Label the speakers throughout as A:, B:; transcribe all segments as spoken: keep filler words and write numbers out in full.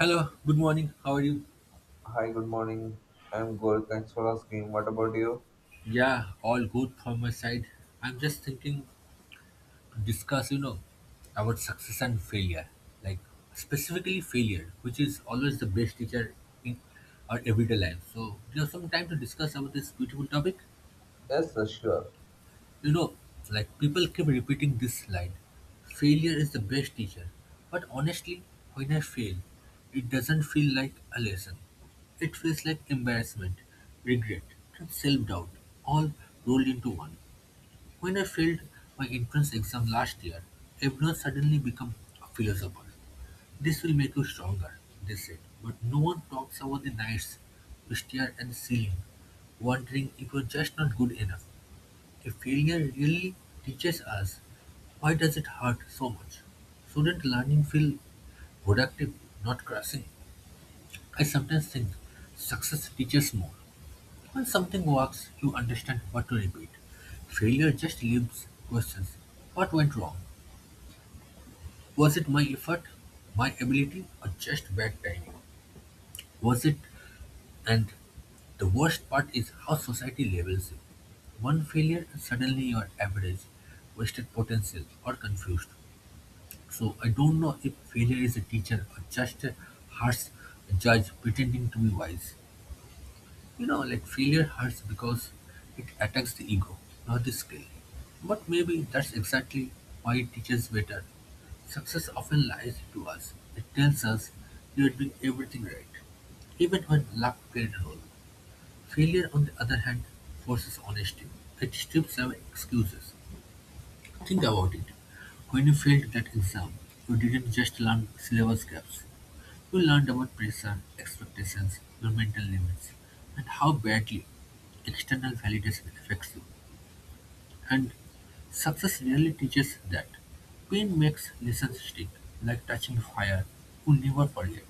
A: Hello, good morning. How are you?
B: Hi, good morning. I'm good. Thanks for asking. What about you?
A: Yeah, all good from my side. I'm just thinking to discuss, you know, about success and failure. Like specifically failure, which is always the best teacher in our everyday life. So do you have some time to discuss about this beautiful topic?
B: Yes, uh, sure.
A: You know, like people keep repeating this line failure is the best teacher. But honestly, when I fail, it doesn't feel like a lesson. It feels like embarrassment, regret, and self doubt, all rolled into one. When I failed my entrance exam last year, everyone suddenly became a philosopher. This will make you stronger, they said. But no one talks about the nights you stare at the ceiling, wondering if you're just not good enough. If failure really teaches us, why does it hurt so much? Shouldn't learning feel productive, not crushing? I sometimes think success teaches more. When something works, you understand what to repeat. Failure just leaves questions. What went wrong? Was it my effort, my ability, or just bad timing? Was it and the worst part is how society labels you. One failure and suddenly you're average, wasted potential, or confused. So I don't know if failure is a teacher or just a harsh judge pretending to be wise. You know, like failure hurts because it attacks the ego, not the skill. But maybe that's exactly why it teaches better. Success often lies to us. It tells us you are doing everything right, even when luck played a role. Failure, on the other hand, forces honesty. It strips away excuses. Think about it. When you failed that exam, you didn't just learn syllabus gaps. You learned about pressure, expectations, your mental limits, and how badly external validation affects you. And success really teaches that. Pain makes lessons stick, like touching fire. You never forget.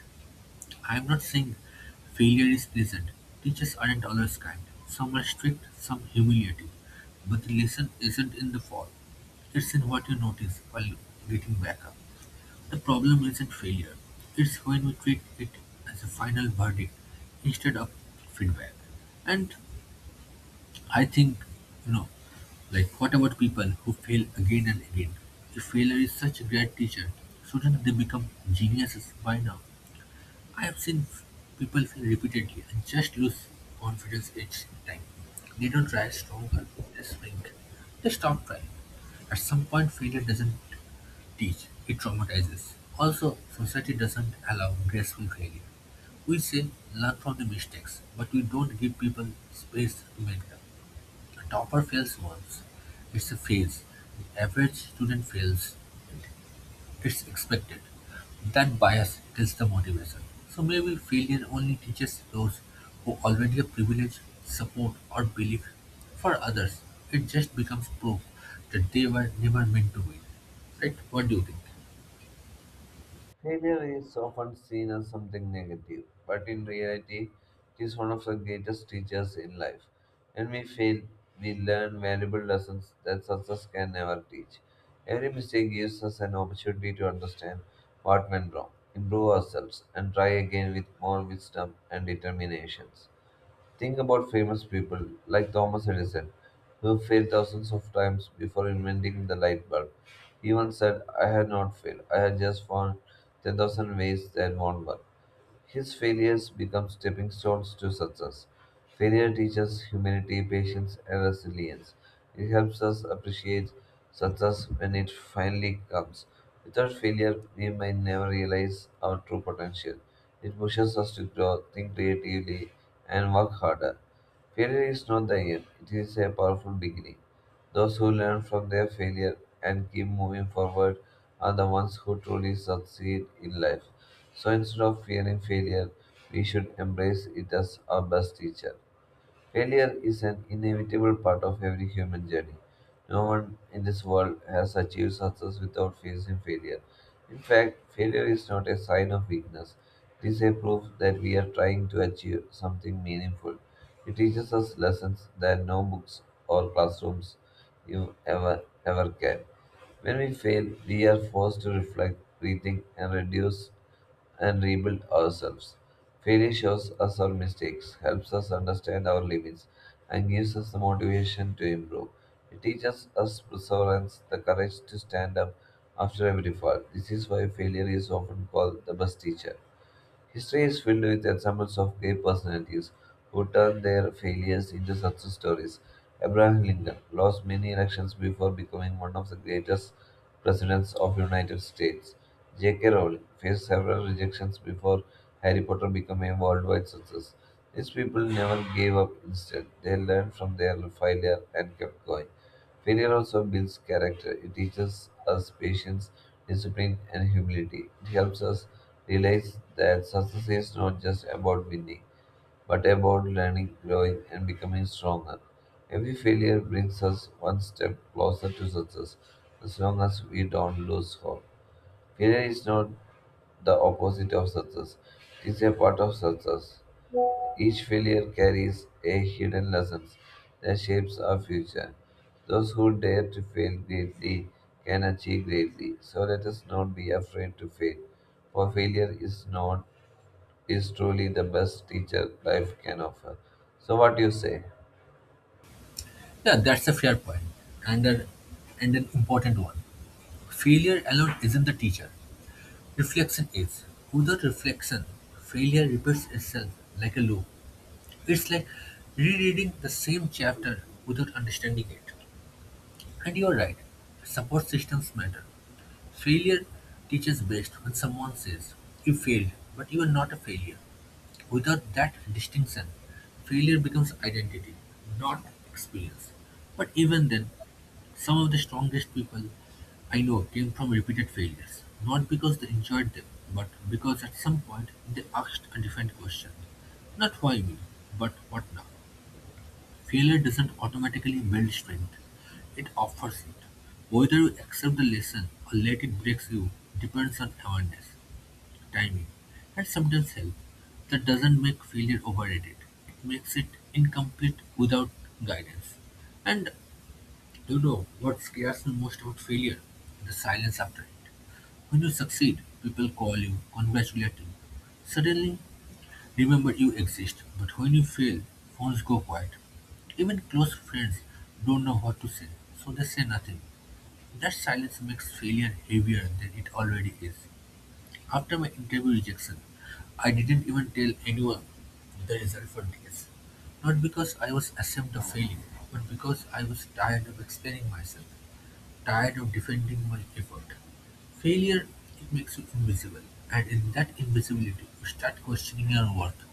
A: I'm not saying failure is pleasant. Teachers aren't always kind. Some are strict, some humiliating. But the lesson isn't in the fall. It's in what you notice while getting back up. The problem isn't failure. It's when we treat it as a final verdict instead of feedback. And I think, you know, like what about people who fail again and again? If failure is such a great teacher, shouldn't they become geniuses by now? I have seen people fail repeatedly and just lose confidence each time. They don't try stronger, they shrink, they stop trying. At some point, failure doesn't teach, it traumatizes. Also, society doesn't allow graceful failure. We say learn from the mistakes, but we don't give people space to make them. A topper fails once, it's a phase. The average student fails it's expected. That bias kills the motivation. So maybe failure only teaches those who already have privilege, support, or belief. For others, it just becomes proof that they were never meant to win. Right? What do you think?
B: Failure is often seen as something negative, but in reality, it is one of the greatest teachers in life. When we fail, we learn valuable lessons that success can never teach. Every mistake gives us an opportunity to understand what went wrong, improve ourselves, and try again with more wisdom and determinations. Think about famous people like Thomas Edison, who failed thousands of times before inventing the light bulb. He once said, I had not failed, I had just found ten thousand ways that won't work. His failures become stepping stones to success. Failure teaches humility, patience, and resilience. It helps us appreciate success when it finally comes. Without failure, we may never realize our true potential. It pushes us to grow, think creatively, and work harder. Failure is not the end, it is a powerful beginning. Those who learn from their failure and keep moving forward are the ones who truly succeed in life. So instead of fearing failure, we should embrace it as our best teacher. Failure is an inevitable part of every human journey. No one in this world has achieved success without facing failure. In fact, failure is not a sign of weakness, it is a proof that we are trying to achieve something meaningful. It teaches us lessons that no books or classrooms you ever ever can. When we fail, we are forced to reflect, rethink, and reduce and rebuild ourselves. Failure shows us our mistakes, helps us understand our limits, and gives us the motivation to improve. It teaches us perseverance, the courage to stand up after every fall. This is why failure is often called the best teacher. History is filled with examples of great personalities who turned their failures into success stories. Abraham Lincoln lost many elections before becoming one of the greatest presidents of the United States. J K. Rowling faced several rejections before Harry Potter became a worldwide success. These people never gave up instead. They learned from their failure and kept going. Failure also builds character. It teaches us patience, discipline, and humility. It helps us realize that success is not just about winning, but about learning, growing, and becoming stronger. Every failure brings us one step closer to success as long as we don't lose hope. Failure is not the opposite of success, it is a part of success. Each failure carries a hidden lesson that shapes our future. Those who dare to fail greatly can achieve greatly. So let us not be afraid to fail, for failure is not is truly the best teacher life can offer. So what do you say?
A: Yeah, that's a fair point, and a, and an important one. Failure alone isn't the teacher. Reflection is. Without reflection, failure repeats itself like a loop. It's like rereading the same chapter without understanding it. And you're right, support systems matter. Failure teaches best when someone says, you failed, but you are not a failure. Without that distinction, failure becomes identity, not experience. But even then, some of the strongest people I know came from repeated failures, not because they enjoyed them, but because at some point they asked a different question. Not why me, but what now? Failure doesn't automatically build strength, it offers it. Whether you accept the lesson or let it break you depends on awareness, timing, and sometimes help. That doesn't make failure overrated, it makes it incomplete without guidance. And you know what scares me most about failure? The silence after it. When you succeed, people call you, congratulate you. Suddenly, remember you exist, but when you fail, phones go quiet. Even close friends don't know what to say, so they say nothing. That silence makes failure heavier than it already is. After my interview rejection, I didn't even tell anyone the result for days. Not because I was ashamed of failing, but because I was tired of explaining myself. Tired of defending my effort. Failure, it makes you invisible, and in that invisibility, you start questioning your worth,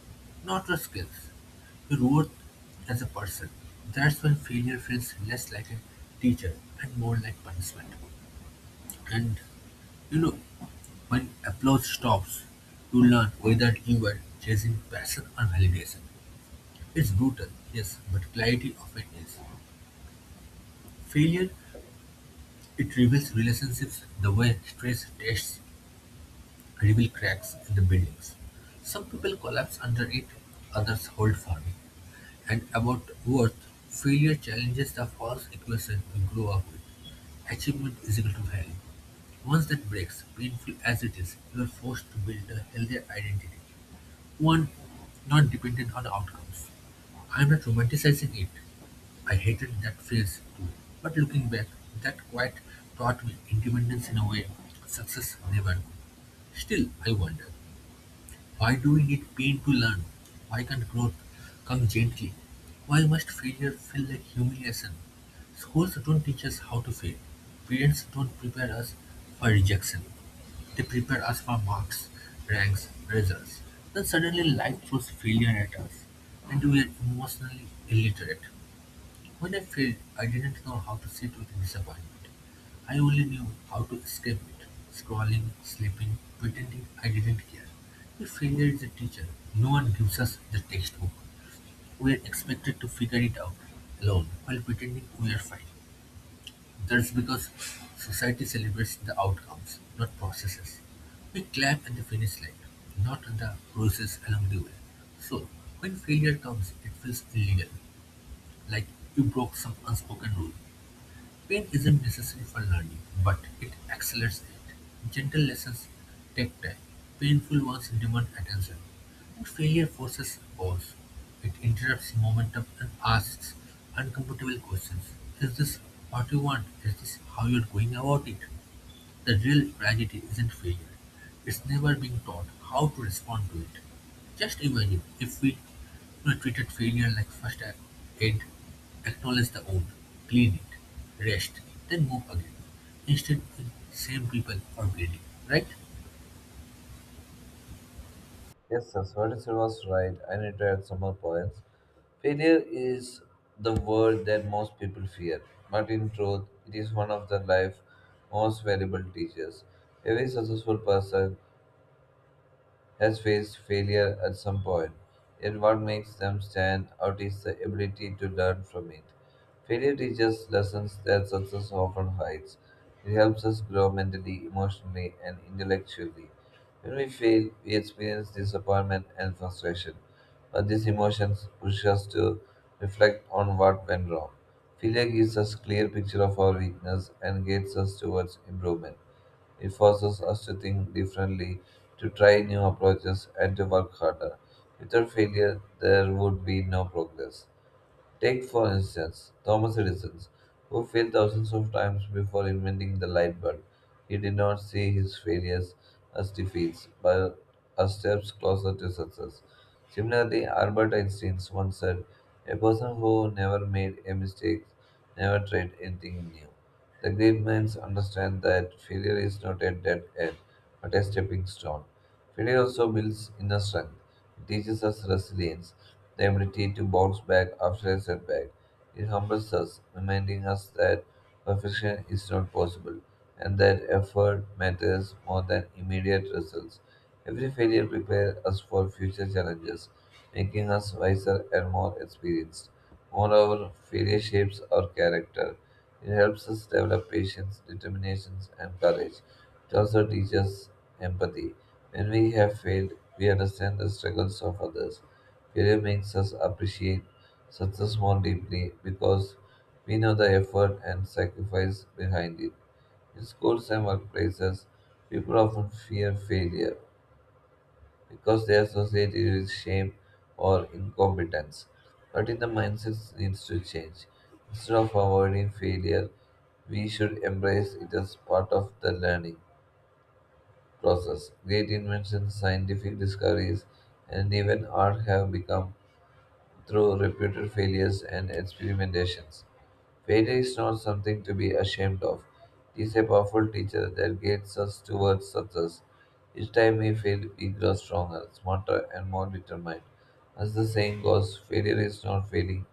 A: not your skills, your worth as a person. That's when failure feels less like a teacher and more like punishment. And you know, when applause stops, you learn whether you were chasing passion or validation. It's brutal, yes, but clarity often is. Failure, it reveals relationships the way stress tests reveal cracks in the buildings. Some people collapse under it, others hold firm. And about worth, failure challenges the false equation we grow up with. Achievement is equal to value. Once that breaks, painful as it is, you are forced to build a healthier identity one not dependent on outcomes. I am not romanticizing it. I hated that phase too. But looking back, that quite taught me independence in a way success never could. Still, I wonder. Why do we need pain to learn? Why can't growth come gently? Why must failure feel like humiliation? Schools don't teach us how to fail. Parents don't prepare us for rejection. They prepare us for marks, ranks, results. Then suddenly life throws failure at us, and we are emotionally illiterate. When I failed, I didn't know how to sit with disappointment. I only knew how to escape it, scrolling, sleeping, pretending I didn't care. If failure is a teacher, no one gives us the textbook. We are expected to figure it out alone while pretending we are fine. That's because society celebrates the outcomes, not processes. We clap at the finish line, not the process along the way. So, when failure comes, it feels illegal, like you broke some unspoken rule. Pain isn't necessary for learning, but it accelerates it. Gentle lessons take time, painful ones demand attention, and failure forces pause. It interrupts momentum and asks uncomfortable questions. Is this what you want? Is this how you're going about it? The real tragedy isn't failure, it's never being taught how to respond to it. Just imagine if we you know, treated failure like first ac- aid, acknowledge the wound, clean it, rest, then move again, instead of same people or bleeding, right?
B: Yes, sir. What is it was right. I need to add some more points. Failure is the word that most people fear, but in truth, it is one of the life most valuable teachers. Every successful person has faced failure at some point, yet what makes them stand out is the ability to learn from it. Failure teaches lessons that success often hides. It helps us grow mentally, emotionally, and intellectually. When we fail, we experience disappointment and frustration, but these emotions push us to reflect on what went wrong. Failure gives us clear picture of our weakness and guides us towards improvement. It forces us to think differently, to try new approaches, and to work harder. Without failure, there would be no progress. Take, for instance, Thomas Edison, who failed thousands of times before inventing the light bulb. He did not see his failures as defeats, but as steps closer to success. Similarly, Albert Einstein once said, A person who never made a mistake never tried anything new. The great minds understand that failure is not a dead end, but a stepping stone. Failure also builds inner strength. It teaches us resilience, the ability to bounce back after a setback. It humbles us, reminding us that perfection is not possible and that effort matters more than immediate results. Every failure prepares us for future challenges, making us wiser and more experienced. Moreover, failure shapes our character. It helps us develop patience, determination, and courage. It also teaches empathy. When we have failed, we understand the struggles of others. Failure makes us appreciate success more deeply because we know the effort and sacrifice behind it. In schools and workplaces, people often fear failure because they associate it with shame or incompetence. But in the mindset needs to change. Instead of avoiding failure, we should embrace it as part of the learning process. Great inventions, scientific discoveries, and even art have become through repeated failures and experimentations. Failure is not something to be ashamed of. It is a powerful teacher that guides us towards success. Each time we fail, we grow stronger, smarter, and more determined. As the saying goes, failure is not failing,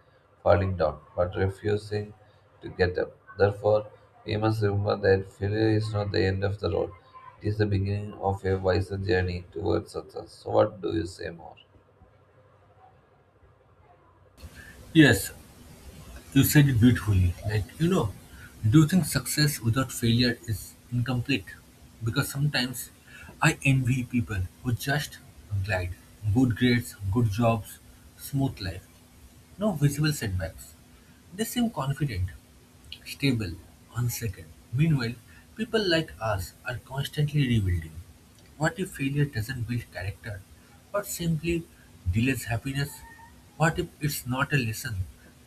B: falling down, but refusing to get up. Therefore, we must remember that failure is not the end of the road. It is the beginning of a wiser journey towards success. So, what do you say more?
A: Yes, you said it beautifully, like, you know, do you think success without failure is incomplete? Because sometimes I envy people who just glide. Good grades, good jobs, smooth life, no visible setbacks. They seem confident, stable, one second. Meanwhile, people like us are constantly rebuilding. What if failure doesn't build character, but simply delays happiness? What if it's not a lesson,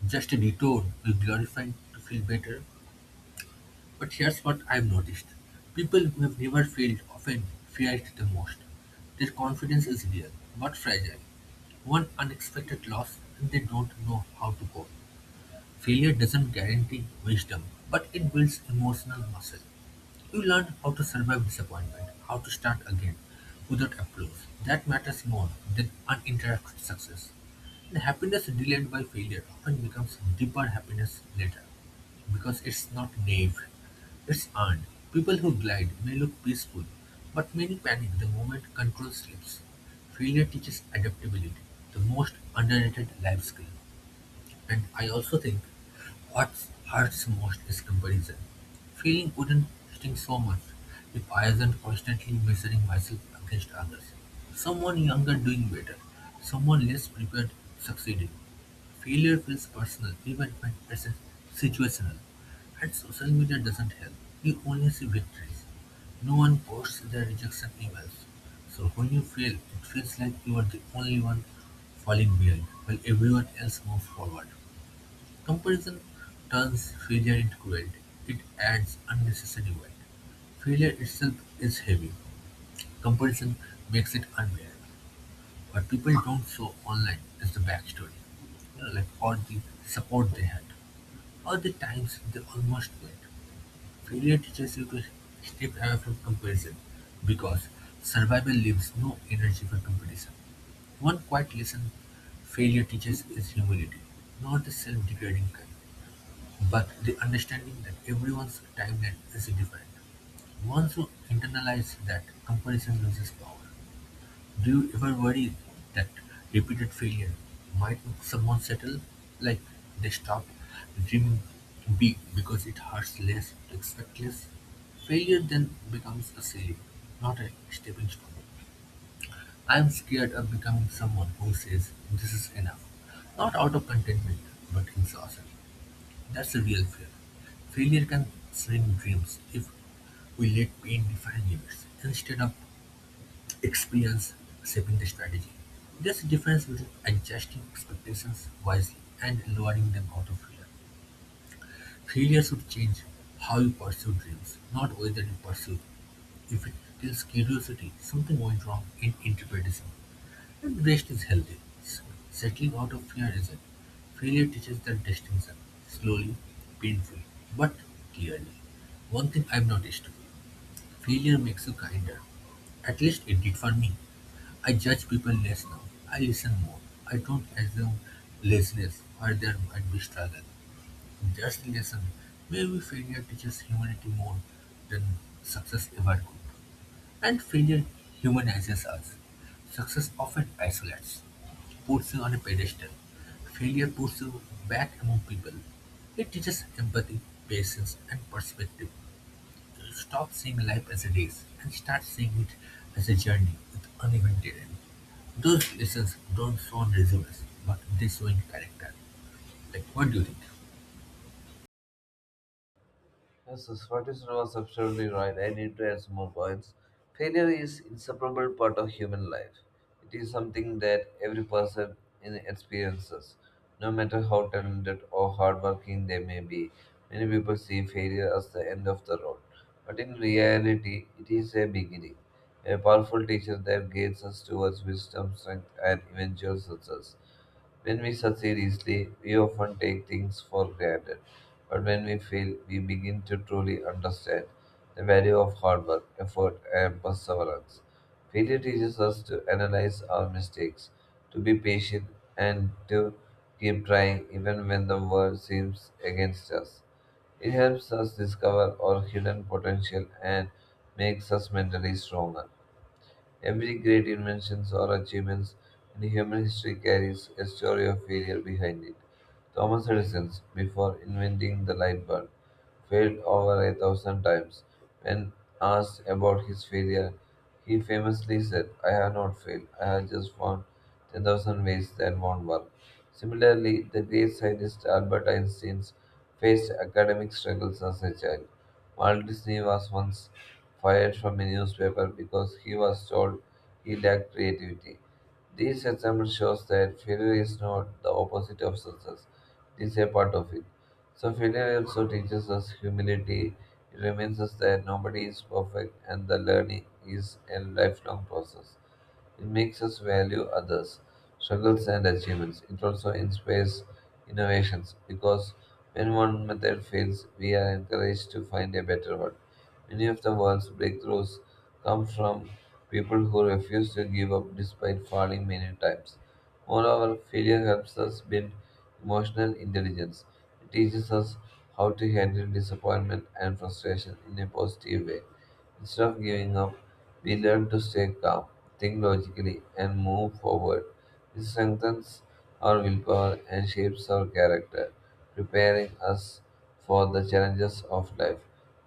A: just a detour we glorify to feel better? But here's what I've noticed people who have never failed often fear it the most. Their confidence is real, but fragile. One unexpected loss, and they don't know how to cope. Failure doesn't guarantee wisdom, but it builds emotional muscle. You learn how to survive disappointment, how to start again without applause. That matters more than uninterrupted success. The happiness delayed by failure often becomes deeper happiness later because it's not naive, it's earned. People who glide may look peaceful, but many panic the moment control slips. Failure teaches adaptability, the most underrated life skill. And I also think what hurts most is comparison. Feeling wouldn't sting so much if I wasn't constantly measuring myself against others. Someone younger doing better, someone less prepared succeeding. Failure feels personal even when it's situational. And social media doesn't help. You only see victories. No one posts their rejection emails, so when you fail it feels like you are the only one falling behind while everyone else moves forward. Comparison turns failure into cruelty. It adds unnecessary weight. Failure itself is heavy. Comparison makes it unbearable. What people don't show online is the backstory, you know, like all the support they had, all the times they almost quit, failure teaches you to step away from comparison, because survival leaves no energy for competition. One quiet lesson failure teaches is humility, not the self-degrading kind, but the understanding that everyone's timeline is different. Once you internalize that, comparison loses power. Do you ever worry that repeated failure might make someone settle? Like they stop dreaming big because it hurts less to expect less? Failure then becomes a ceiling, not a stepping stone. I am scared of becoming someone who says this is enough, not out of contentment, but exhaustion. That's a real fear. Failure can shrink dreams if we let pain define limits instead of experience shaping the strategy. There's a difference between adjusting expectations wisely and lowering them out of fear. Failure should change how you pursue dreams, not whether you pursue them. If it kills curiosity, something went wrong in interpretation, and the rest is healthy. So, settling out of fear is not failure teaches that distinction, slowly, painfully, but clearly. One thing I've noticed failure makes you kinder. At least it did for me. I judge people less now. I listen more. I don't assume laziness where there might be struggle. That's the lesson. Maybe failure teaches humanity more than success ever could. And failure humanizes us. Success often isolates, puts you on a pedestal. Failure puts you back among people. It teaches empathy, patience, and perspective. Stop seeing life as a race and start seeing it as a journey with uneven terrain. Those lessons don't show on resumes, but they show in character. Like, what do you think?
B: Yes, yes, what is was absolutely right. I need to add some more points. Failure is inseparable part of human life. It is something that every person in experiences, no matter how talented or hardworking they may be. Many people see failure as the end of the road, but in reality, it is a beginning, a powerful teacher that guides us towards wisdom, strength, and eventual success. When we succeed easily, we often take things for granted. But when we fail, we begin to truly understand the value of hard work, effort, and perseverance. Failure teaches us to analyze our mistakes, to be patient, and to keep trying even when the world seems against us. It helps us discover our hidden potential and makes us mentally stronger. Every great invention or achievement in human history carries a story of failure behind it. Thomas Edison, before inventing the light bulb, failed over a thousand times. When asked about his failure, he famously said, I have not failed, I have just found ten thousand ways that won't work. Similarly, the great scientist Albert Einstein faced academic struggles as a child. Walt Disney was once fired from a newspaper because he was told he lacked creativity. This example shows that failure is not the opposite of success. It is a part of it. So failure also teaches us humility. It reminds us that nobody is perfect and the learning is a lifelong process. It makes us value others, struggles, and achievements. It also inspires innovations because when one method fails, we are encouraged to find a better one. Many of the world's breakthroughs come from people who refuse to give up despite falling many times. Moreover, failure helps us build emotional intelligence. It teaches us how to handle disappointment and frustration in a positive way. Instead of giving up, we learn to stay calm, think logically, and move forward. This strengthens our willpower and shapes our character, preparing us for the challenges of life.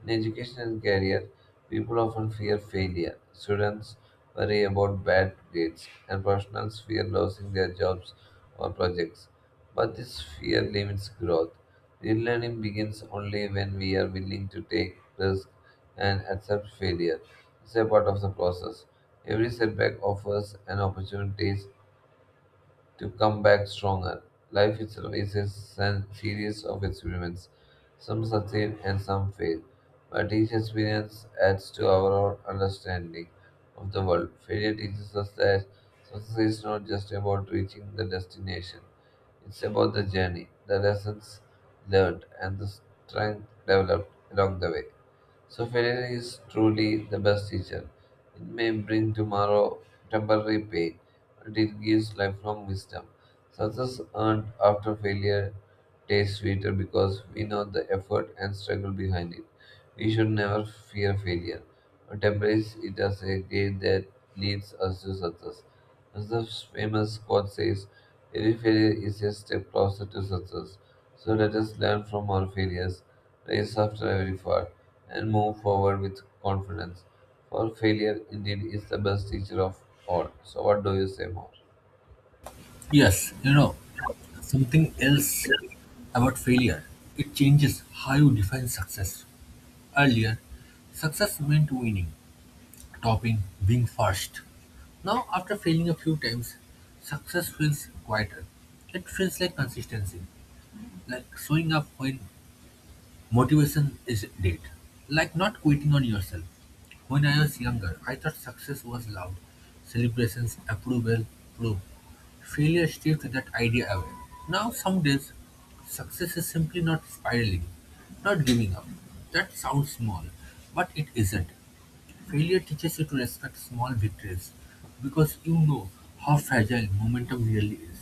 B: In education and career, people often fear failure. Students worry about bad grades, and professionals fear losing their jobs or projects. But this fear limits growth. Real learning begins only when we are willing to take risks and accept failure is a part of the process. Every setback offers an opportunity to come back stronger. Life itself is a sen- series of experiments. Some succeed and some fail, but each experience adds to our understanding of the world. Failure teaches us that success is not just about reaching the destination, it's about the journey, the lessons learned, and the strength developed along the way. So failure is truly the best teacher. It may bring tomorrow temporary pain, and it gives lifelong wisdom. Success earned after failure tastes sweeter because we know the effort and struggle behind it. We should never fear failure, but embrace it as a gate that leads us to success. As the famous quote says, every failure is a step closer to success. So let us learn from our failures, rise after every fall, and move forward with confidence. For failure indeed is the best teacher of all. So what do you say more?
A: Yes, you know, something else about failure. It changes how you define success. Earlier, success meant winning, topping, being first. Now, after failing a few times, success feels quieter. It feels like consistency, like showing up when motivation is dead. Like not quitting on yourself. When I was younger, I thought success was loud. Celebrations, approval, proof. Failure stripped that idea away. Now, some days, success is simply not spiraling, not giving up. That sounds small, but it isn't. Failure teaches you to respect small victories because you know how fragile momentum really is.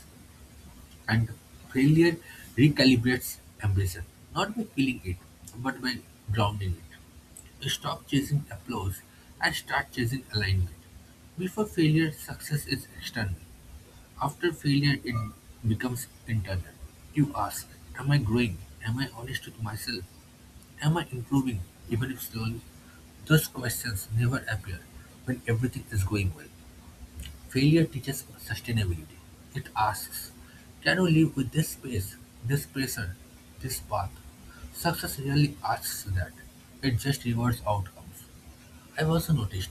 A: And failure recalibrates ambition, not by killing it, but by grounding it. You stop chasing applause and start chasing alignment. Before failure, success is external. After failure, it becomes internal. You ask, am I growing? Am I honest with myself? Am I improving, even if slowly? Those questions never appear when everything is going well. Failure teaches sustainability. It asks, can you live with this pace, this pressure, this path? Success really asks that. It just rewards outcomes. I've also noticed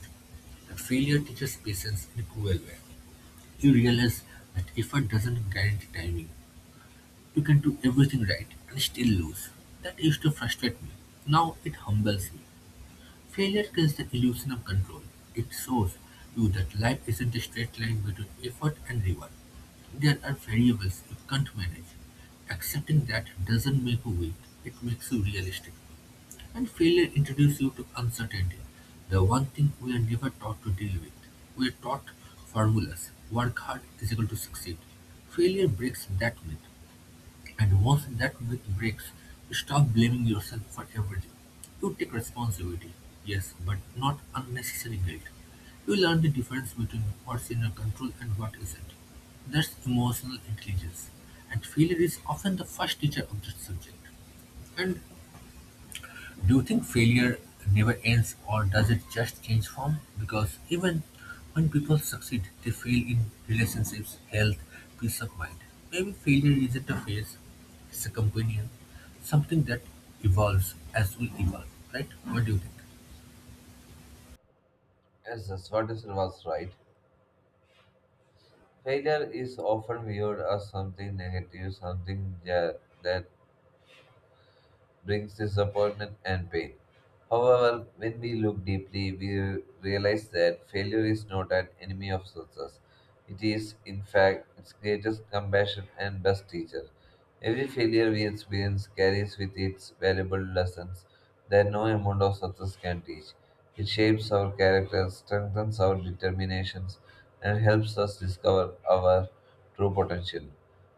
A: that failure teaches patience in a cruel way. You realize that effort doesn't guarantee timing. You can do everything right and still lose. That used to frustrate me. Now it humbles me. Failure kills the illusion of control; it shows you that life isn't a straight line between effort and reward. There are variables you can't manage. Accepting that doesn't make you weak, it makes you realistic. And failure introduces you to uncertainty, the one thing we are never taught to deal with. We are taught formulas work hard is equal to succeed. Failure breaks that myth. And once that myth breaks, stop blaming yourself for everything. You take responsibility, yes, but not unnecessary guilt. You learn the difference between what's in your control and what isn't. That's emotional intelligence. And failure is often the first teacher of that subject. And do you think failure never ends, or does it just change form? Because even when people succeed, they fail in relationships, health, peace of mind. Maybe failure isn't a phase, it's a companion, something that evolves as we evolve, right? What do you think?
B: Yes, that's what is was right. Failure is often viewed as something negative, something ja- that brings disappointment and pain. However, when we look deeply, we realize that failure is not an enemy of success. It is, in fact, its greatest compassion and best teacher. Every failure we experience carries with it valuable lessons that no amount of success can teach. It shapes our character, strengthens our determinations, and helps us discover our true potential.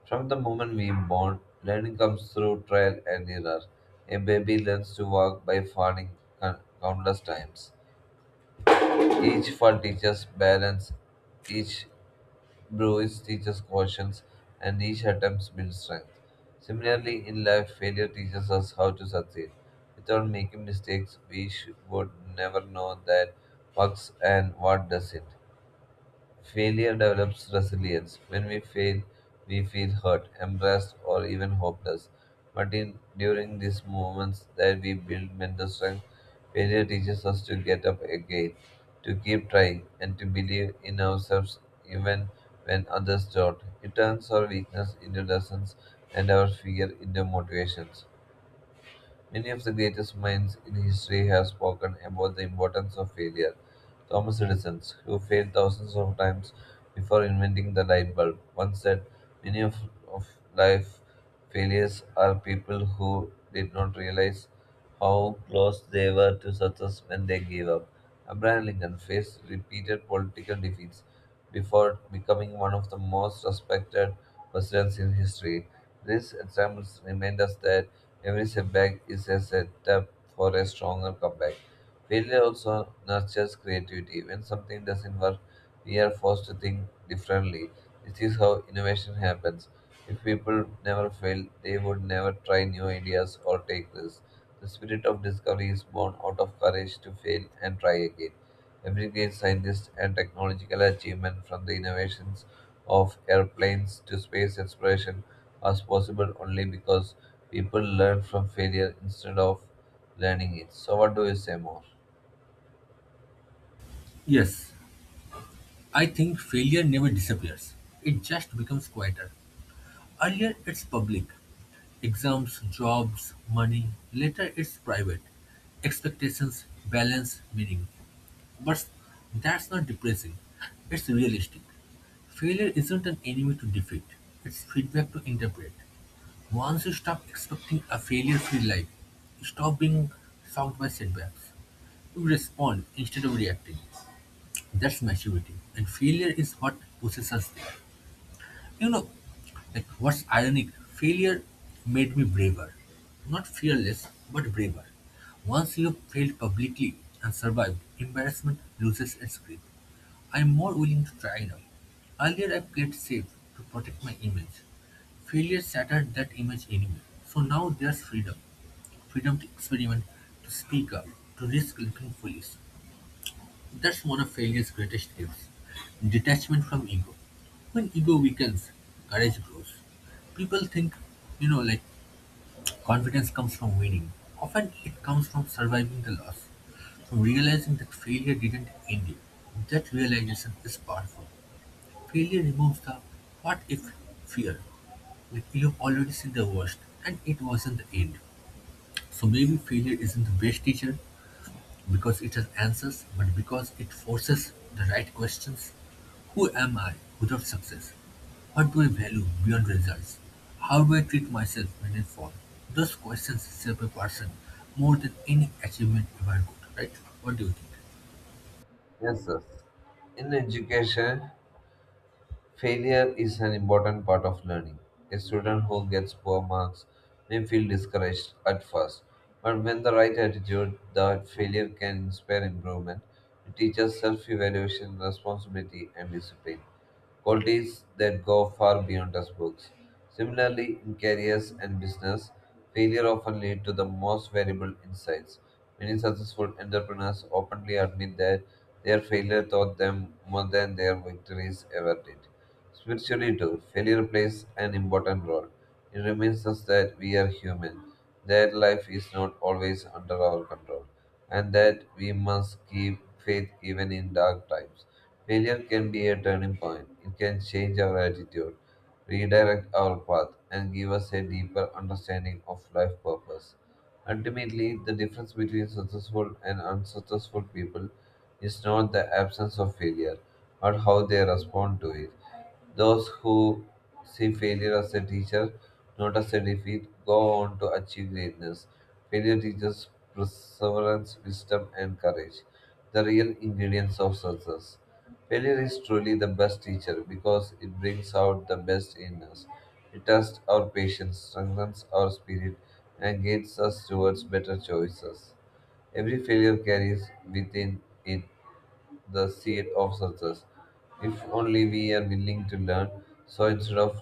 B: From the moment we are born, learning comes through trial and error. A baby learns to walk by falling con- countless times. Each fall teaches balance, each bruise teaches cautions, and each attempt builds strength. Similarly, in life, failure teaches us how to succeed. Without making mistakes, we sh- would never know that works and what doesn't. Failure develops resilience. When we fail, we feel hurt, embarrassed, or even hopeless. But in, during these moments that we build mental strength, failure teaches us to get up again, to keep trying, and to believe in ourselves even when others don't. It turns our weakness into lessons and our fear into motivations. Many of the greatest minds in history have spoken about the importance of failure. Thomas Edison, who failed thousands of times before inventing the light bulb, once said, Many of, of life failures are people who did not realize how close they were to success when they gave up. Abraham Lincoln faced repeated political defeats before becoming one of the most respected presidents in history. These examples remind us that every setback is a setup for a stronger comeback. Failure also nurtures creativity. When something doesn't work, we are forced to think differently. This is how innovation happens. If people never fail, they would never try new ideas or take risks. The spirit of discovery is born out of courage to fail and try again. Every great scientist and technological achievement, from the innovations of airplanes to space exploration, was possible only because people learned from failure instead of learning it. So, what do you say more?
A: Yes, I think failure never disappears. It just becomes quieter. Earlier, it's public exams, jobs, money. Later, it's private expectations, balance, meaning. But that's not depressing, it's realistic. Failure isn't an enemy to defeat, it's feedback to interpret. Once you stop expecting a failure free life, you stop being shocked by setbacks. You respond instead of reacting. That's maturity, and failure is what pushes us there. You know, like what's ironic, failure made me braver. Not fearless, but braver. Once you have failed publicly and survived, embarrassment loses its grip. I am more willing to try now. Earlier I played safe to protect my image. Failure shattered that image anyway. So now there's freedom. Freedom to experiment, to speak up, to risk looking foolish. That's one of failure's greatest gifts. Detachment from ego. When ego weakens, courage grows. People think, you know, like confidence comes from winning. Often it comes from surviving the loss, from realizing that failure didn't end you. That realization is powerful. Failure removes the what if fear. Like you've already seen the worst and it wasn't the end. So maybe failure isn't the best teacher because it has answers, but because it forces the right questions. Who am I without success? What do I value beyond results? How do I treat myself when I fall? Those questions shape a person more than any achievement ever could, right? What do you think?
B: Yes, sir. In education, failure is an important part of learning. A student who gets poor marks may feel discouraged at first, but when the right attitude that failure can inspire improvement, it teaches self evaluation, responsibility, and discipline qualities that go far beyond textbooks. Similarly, in careers and business, failure often leads to the most valuable insights. Many successful entrepreneurs openly admit that their failure taught them more than their victories ever did. Spiritually, too, failure plays an important role. It reminds us that we are human, that life is not always under our control, and that we must keep faith even in dark times. Failure can be a turning point, it can change our attitude, redirect our path, and give us a deeper understanding of life purpose. Ultimately, the difference between successful and unsuccessful people is not the absence of failure, but how they respond to it. Those who see failure as a teacher, not as a defeat, go on to achieve greatness. Failure teaches perseverance, wisdom, and courage, the real ingredients of success. Failure is truly the best teacher because it brings out the best in us. It tests our patience, strengthens our spirit, and guides us towards better choices. Every failure carries within it the seed of success. If only we are willing to learn, so instead of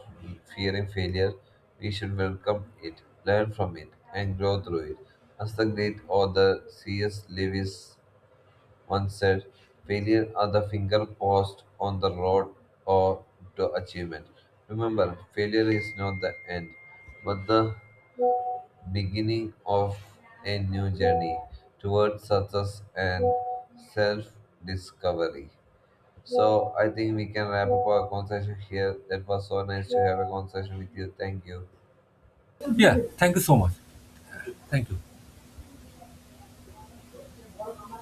B: fearing failure, we should welcome it, learn from it, and grow through it. As the great author C S. Lewis once said, failure are the finger post on the road or to achievement. Remember, failure is not the end, but the beginning of a new journey towards success and self discovery. So I think we can wrap up our conversation here. That was so nice to have a conversation with you. Thank you.
A: Yeah, thank you so much. Thank you.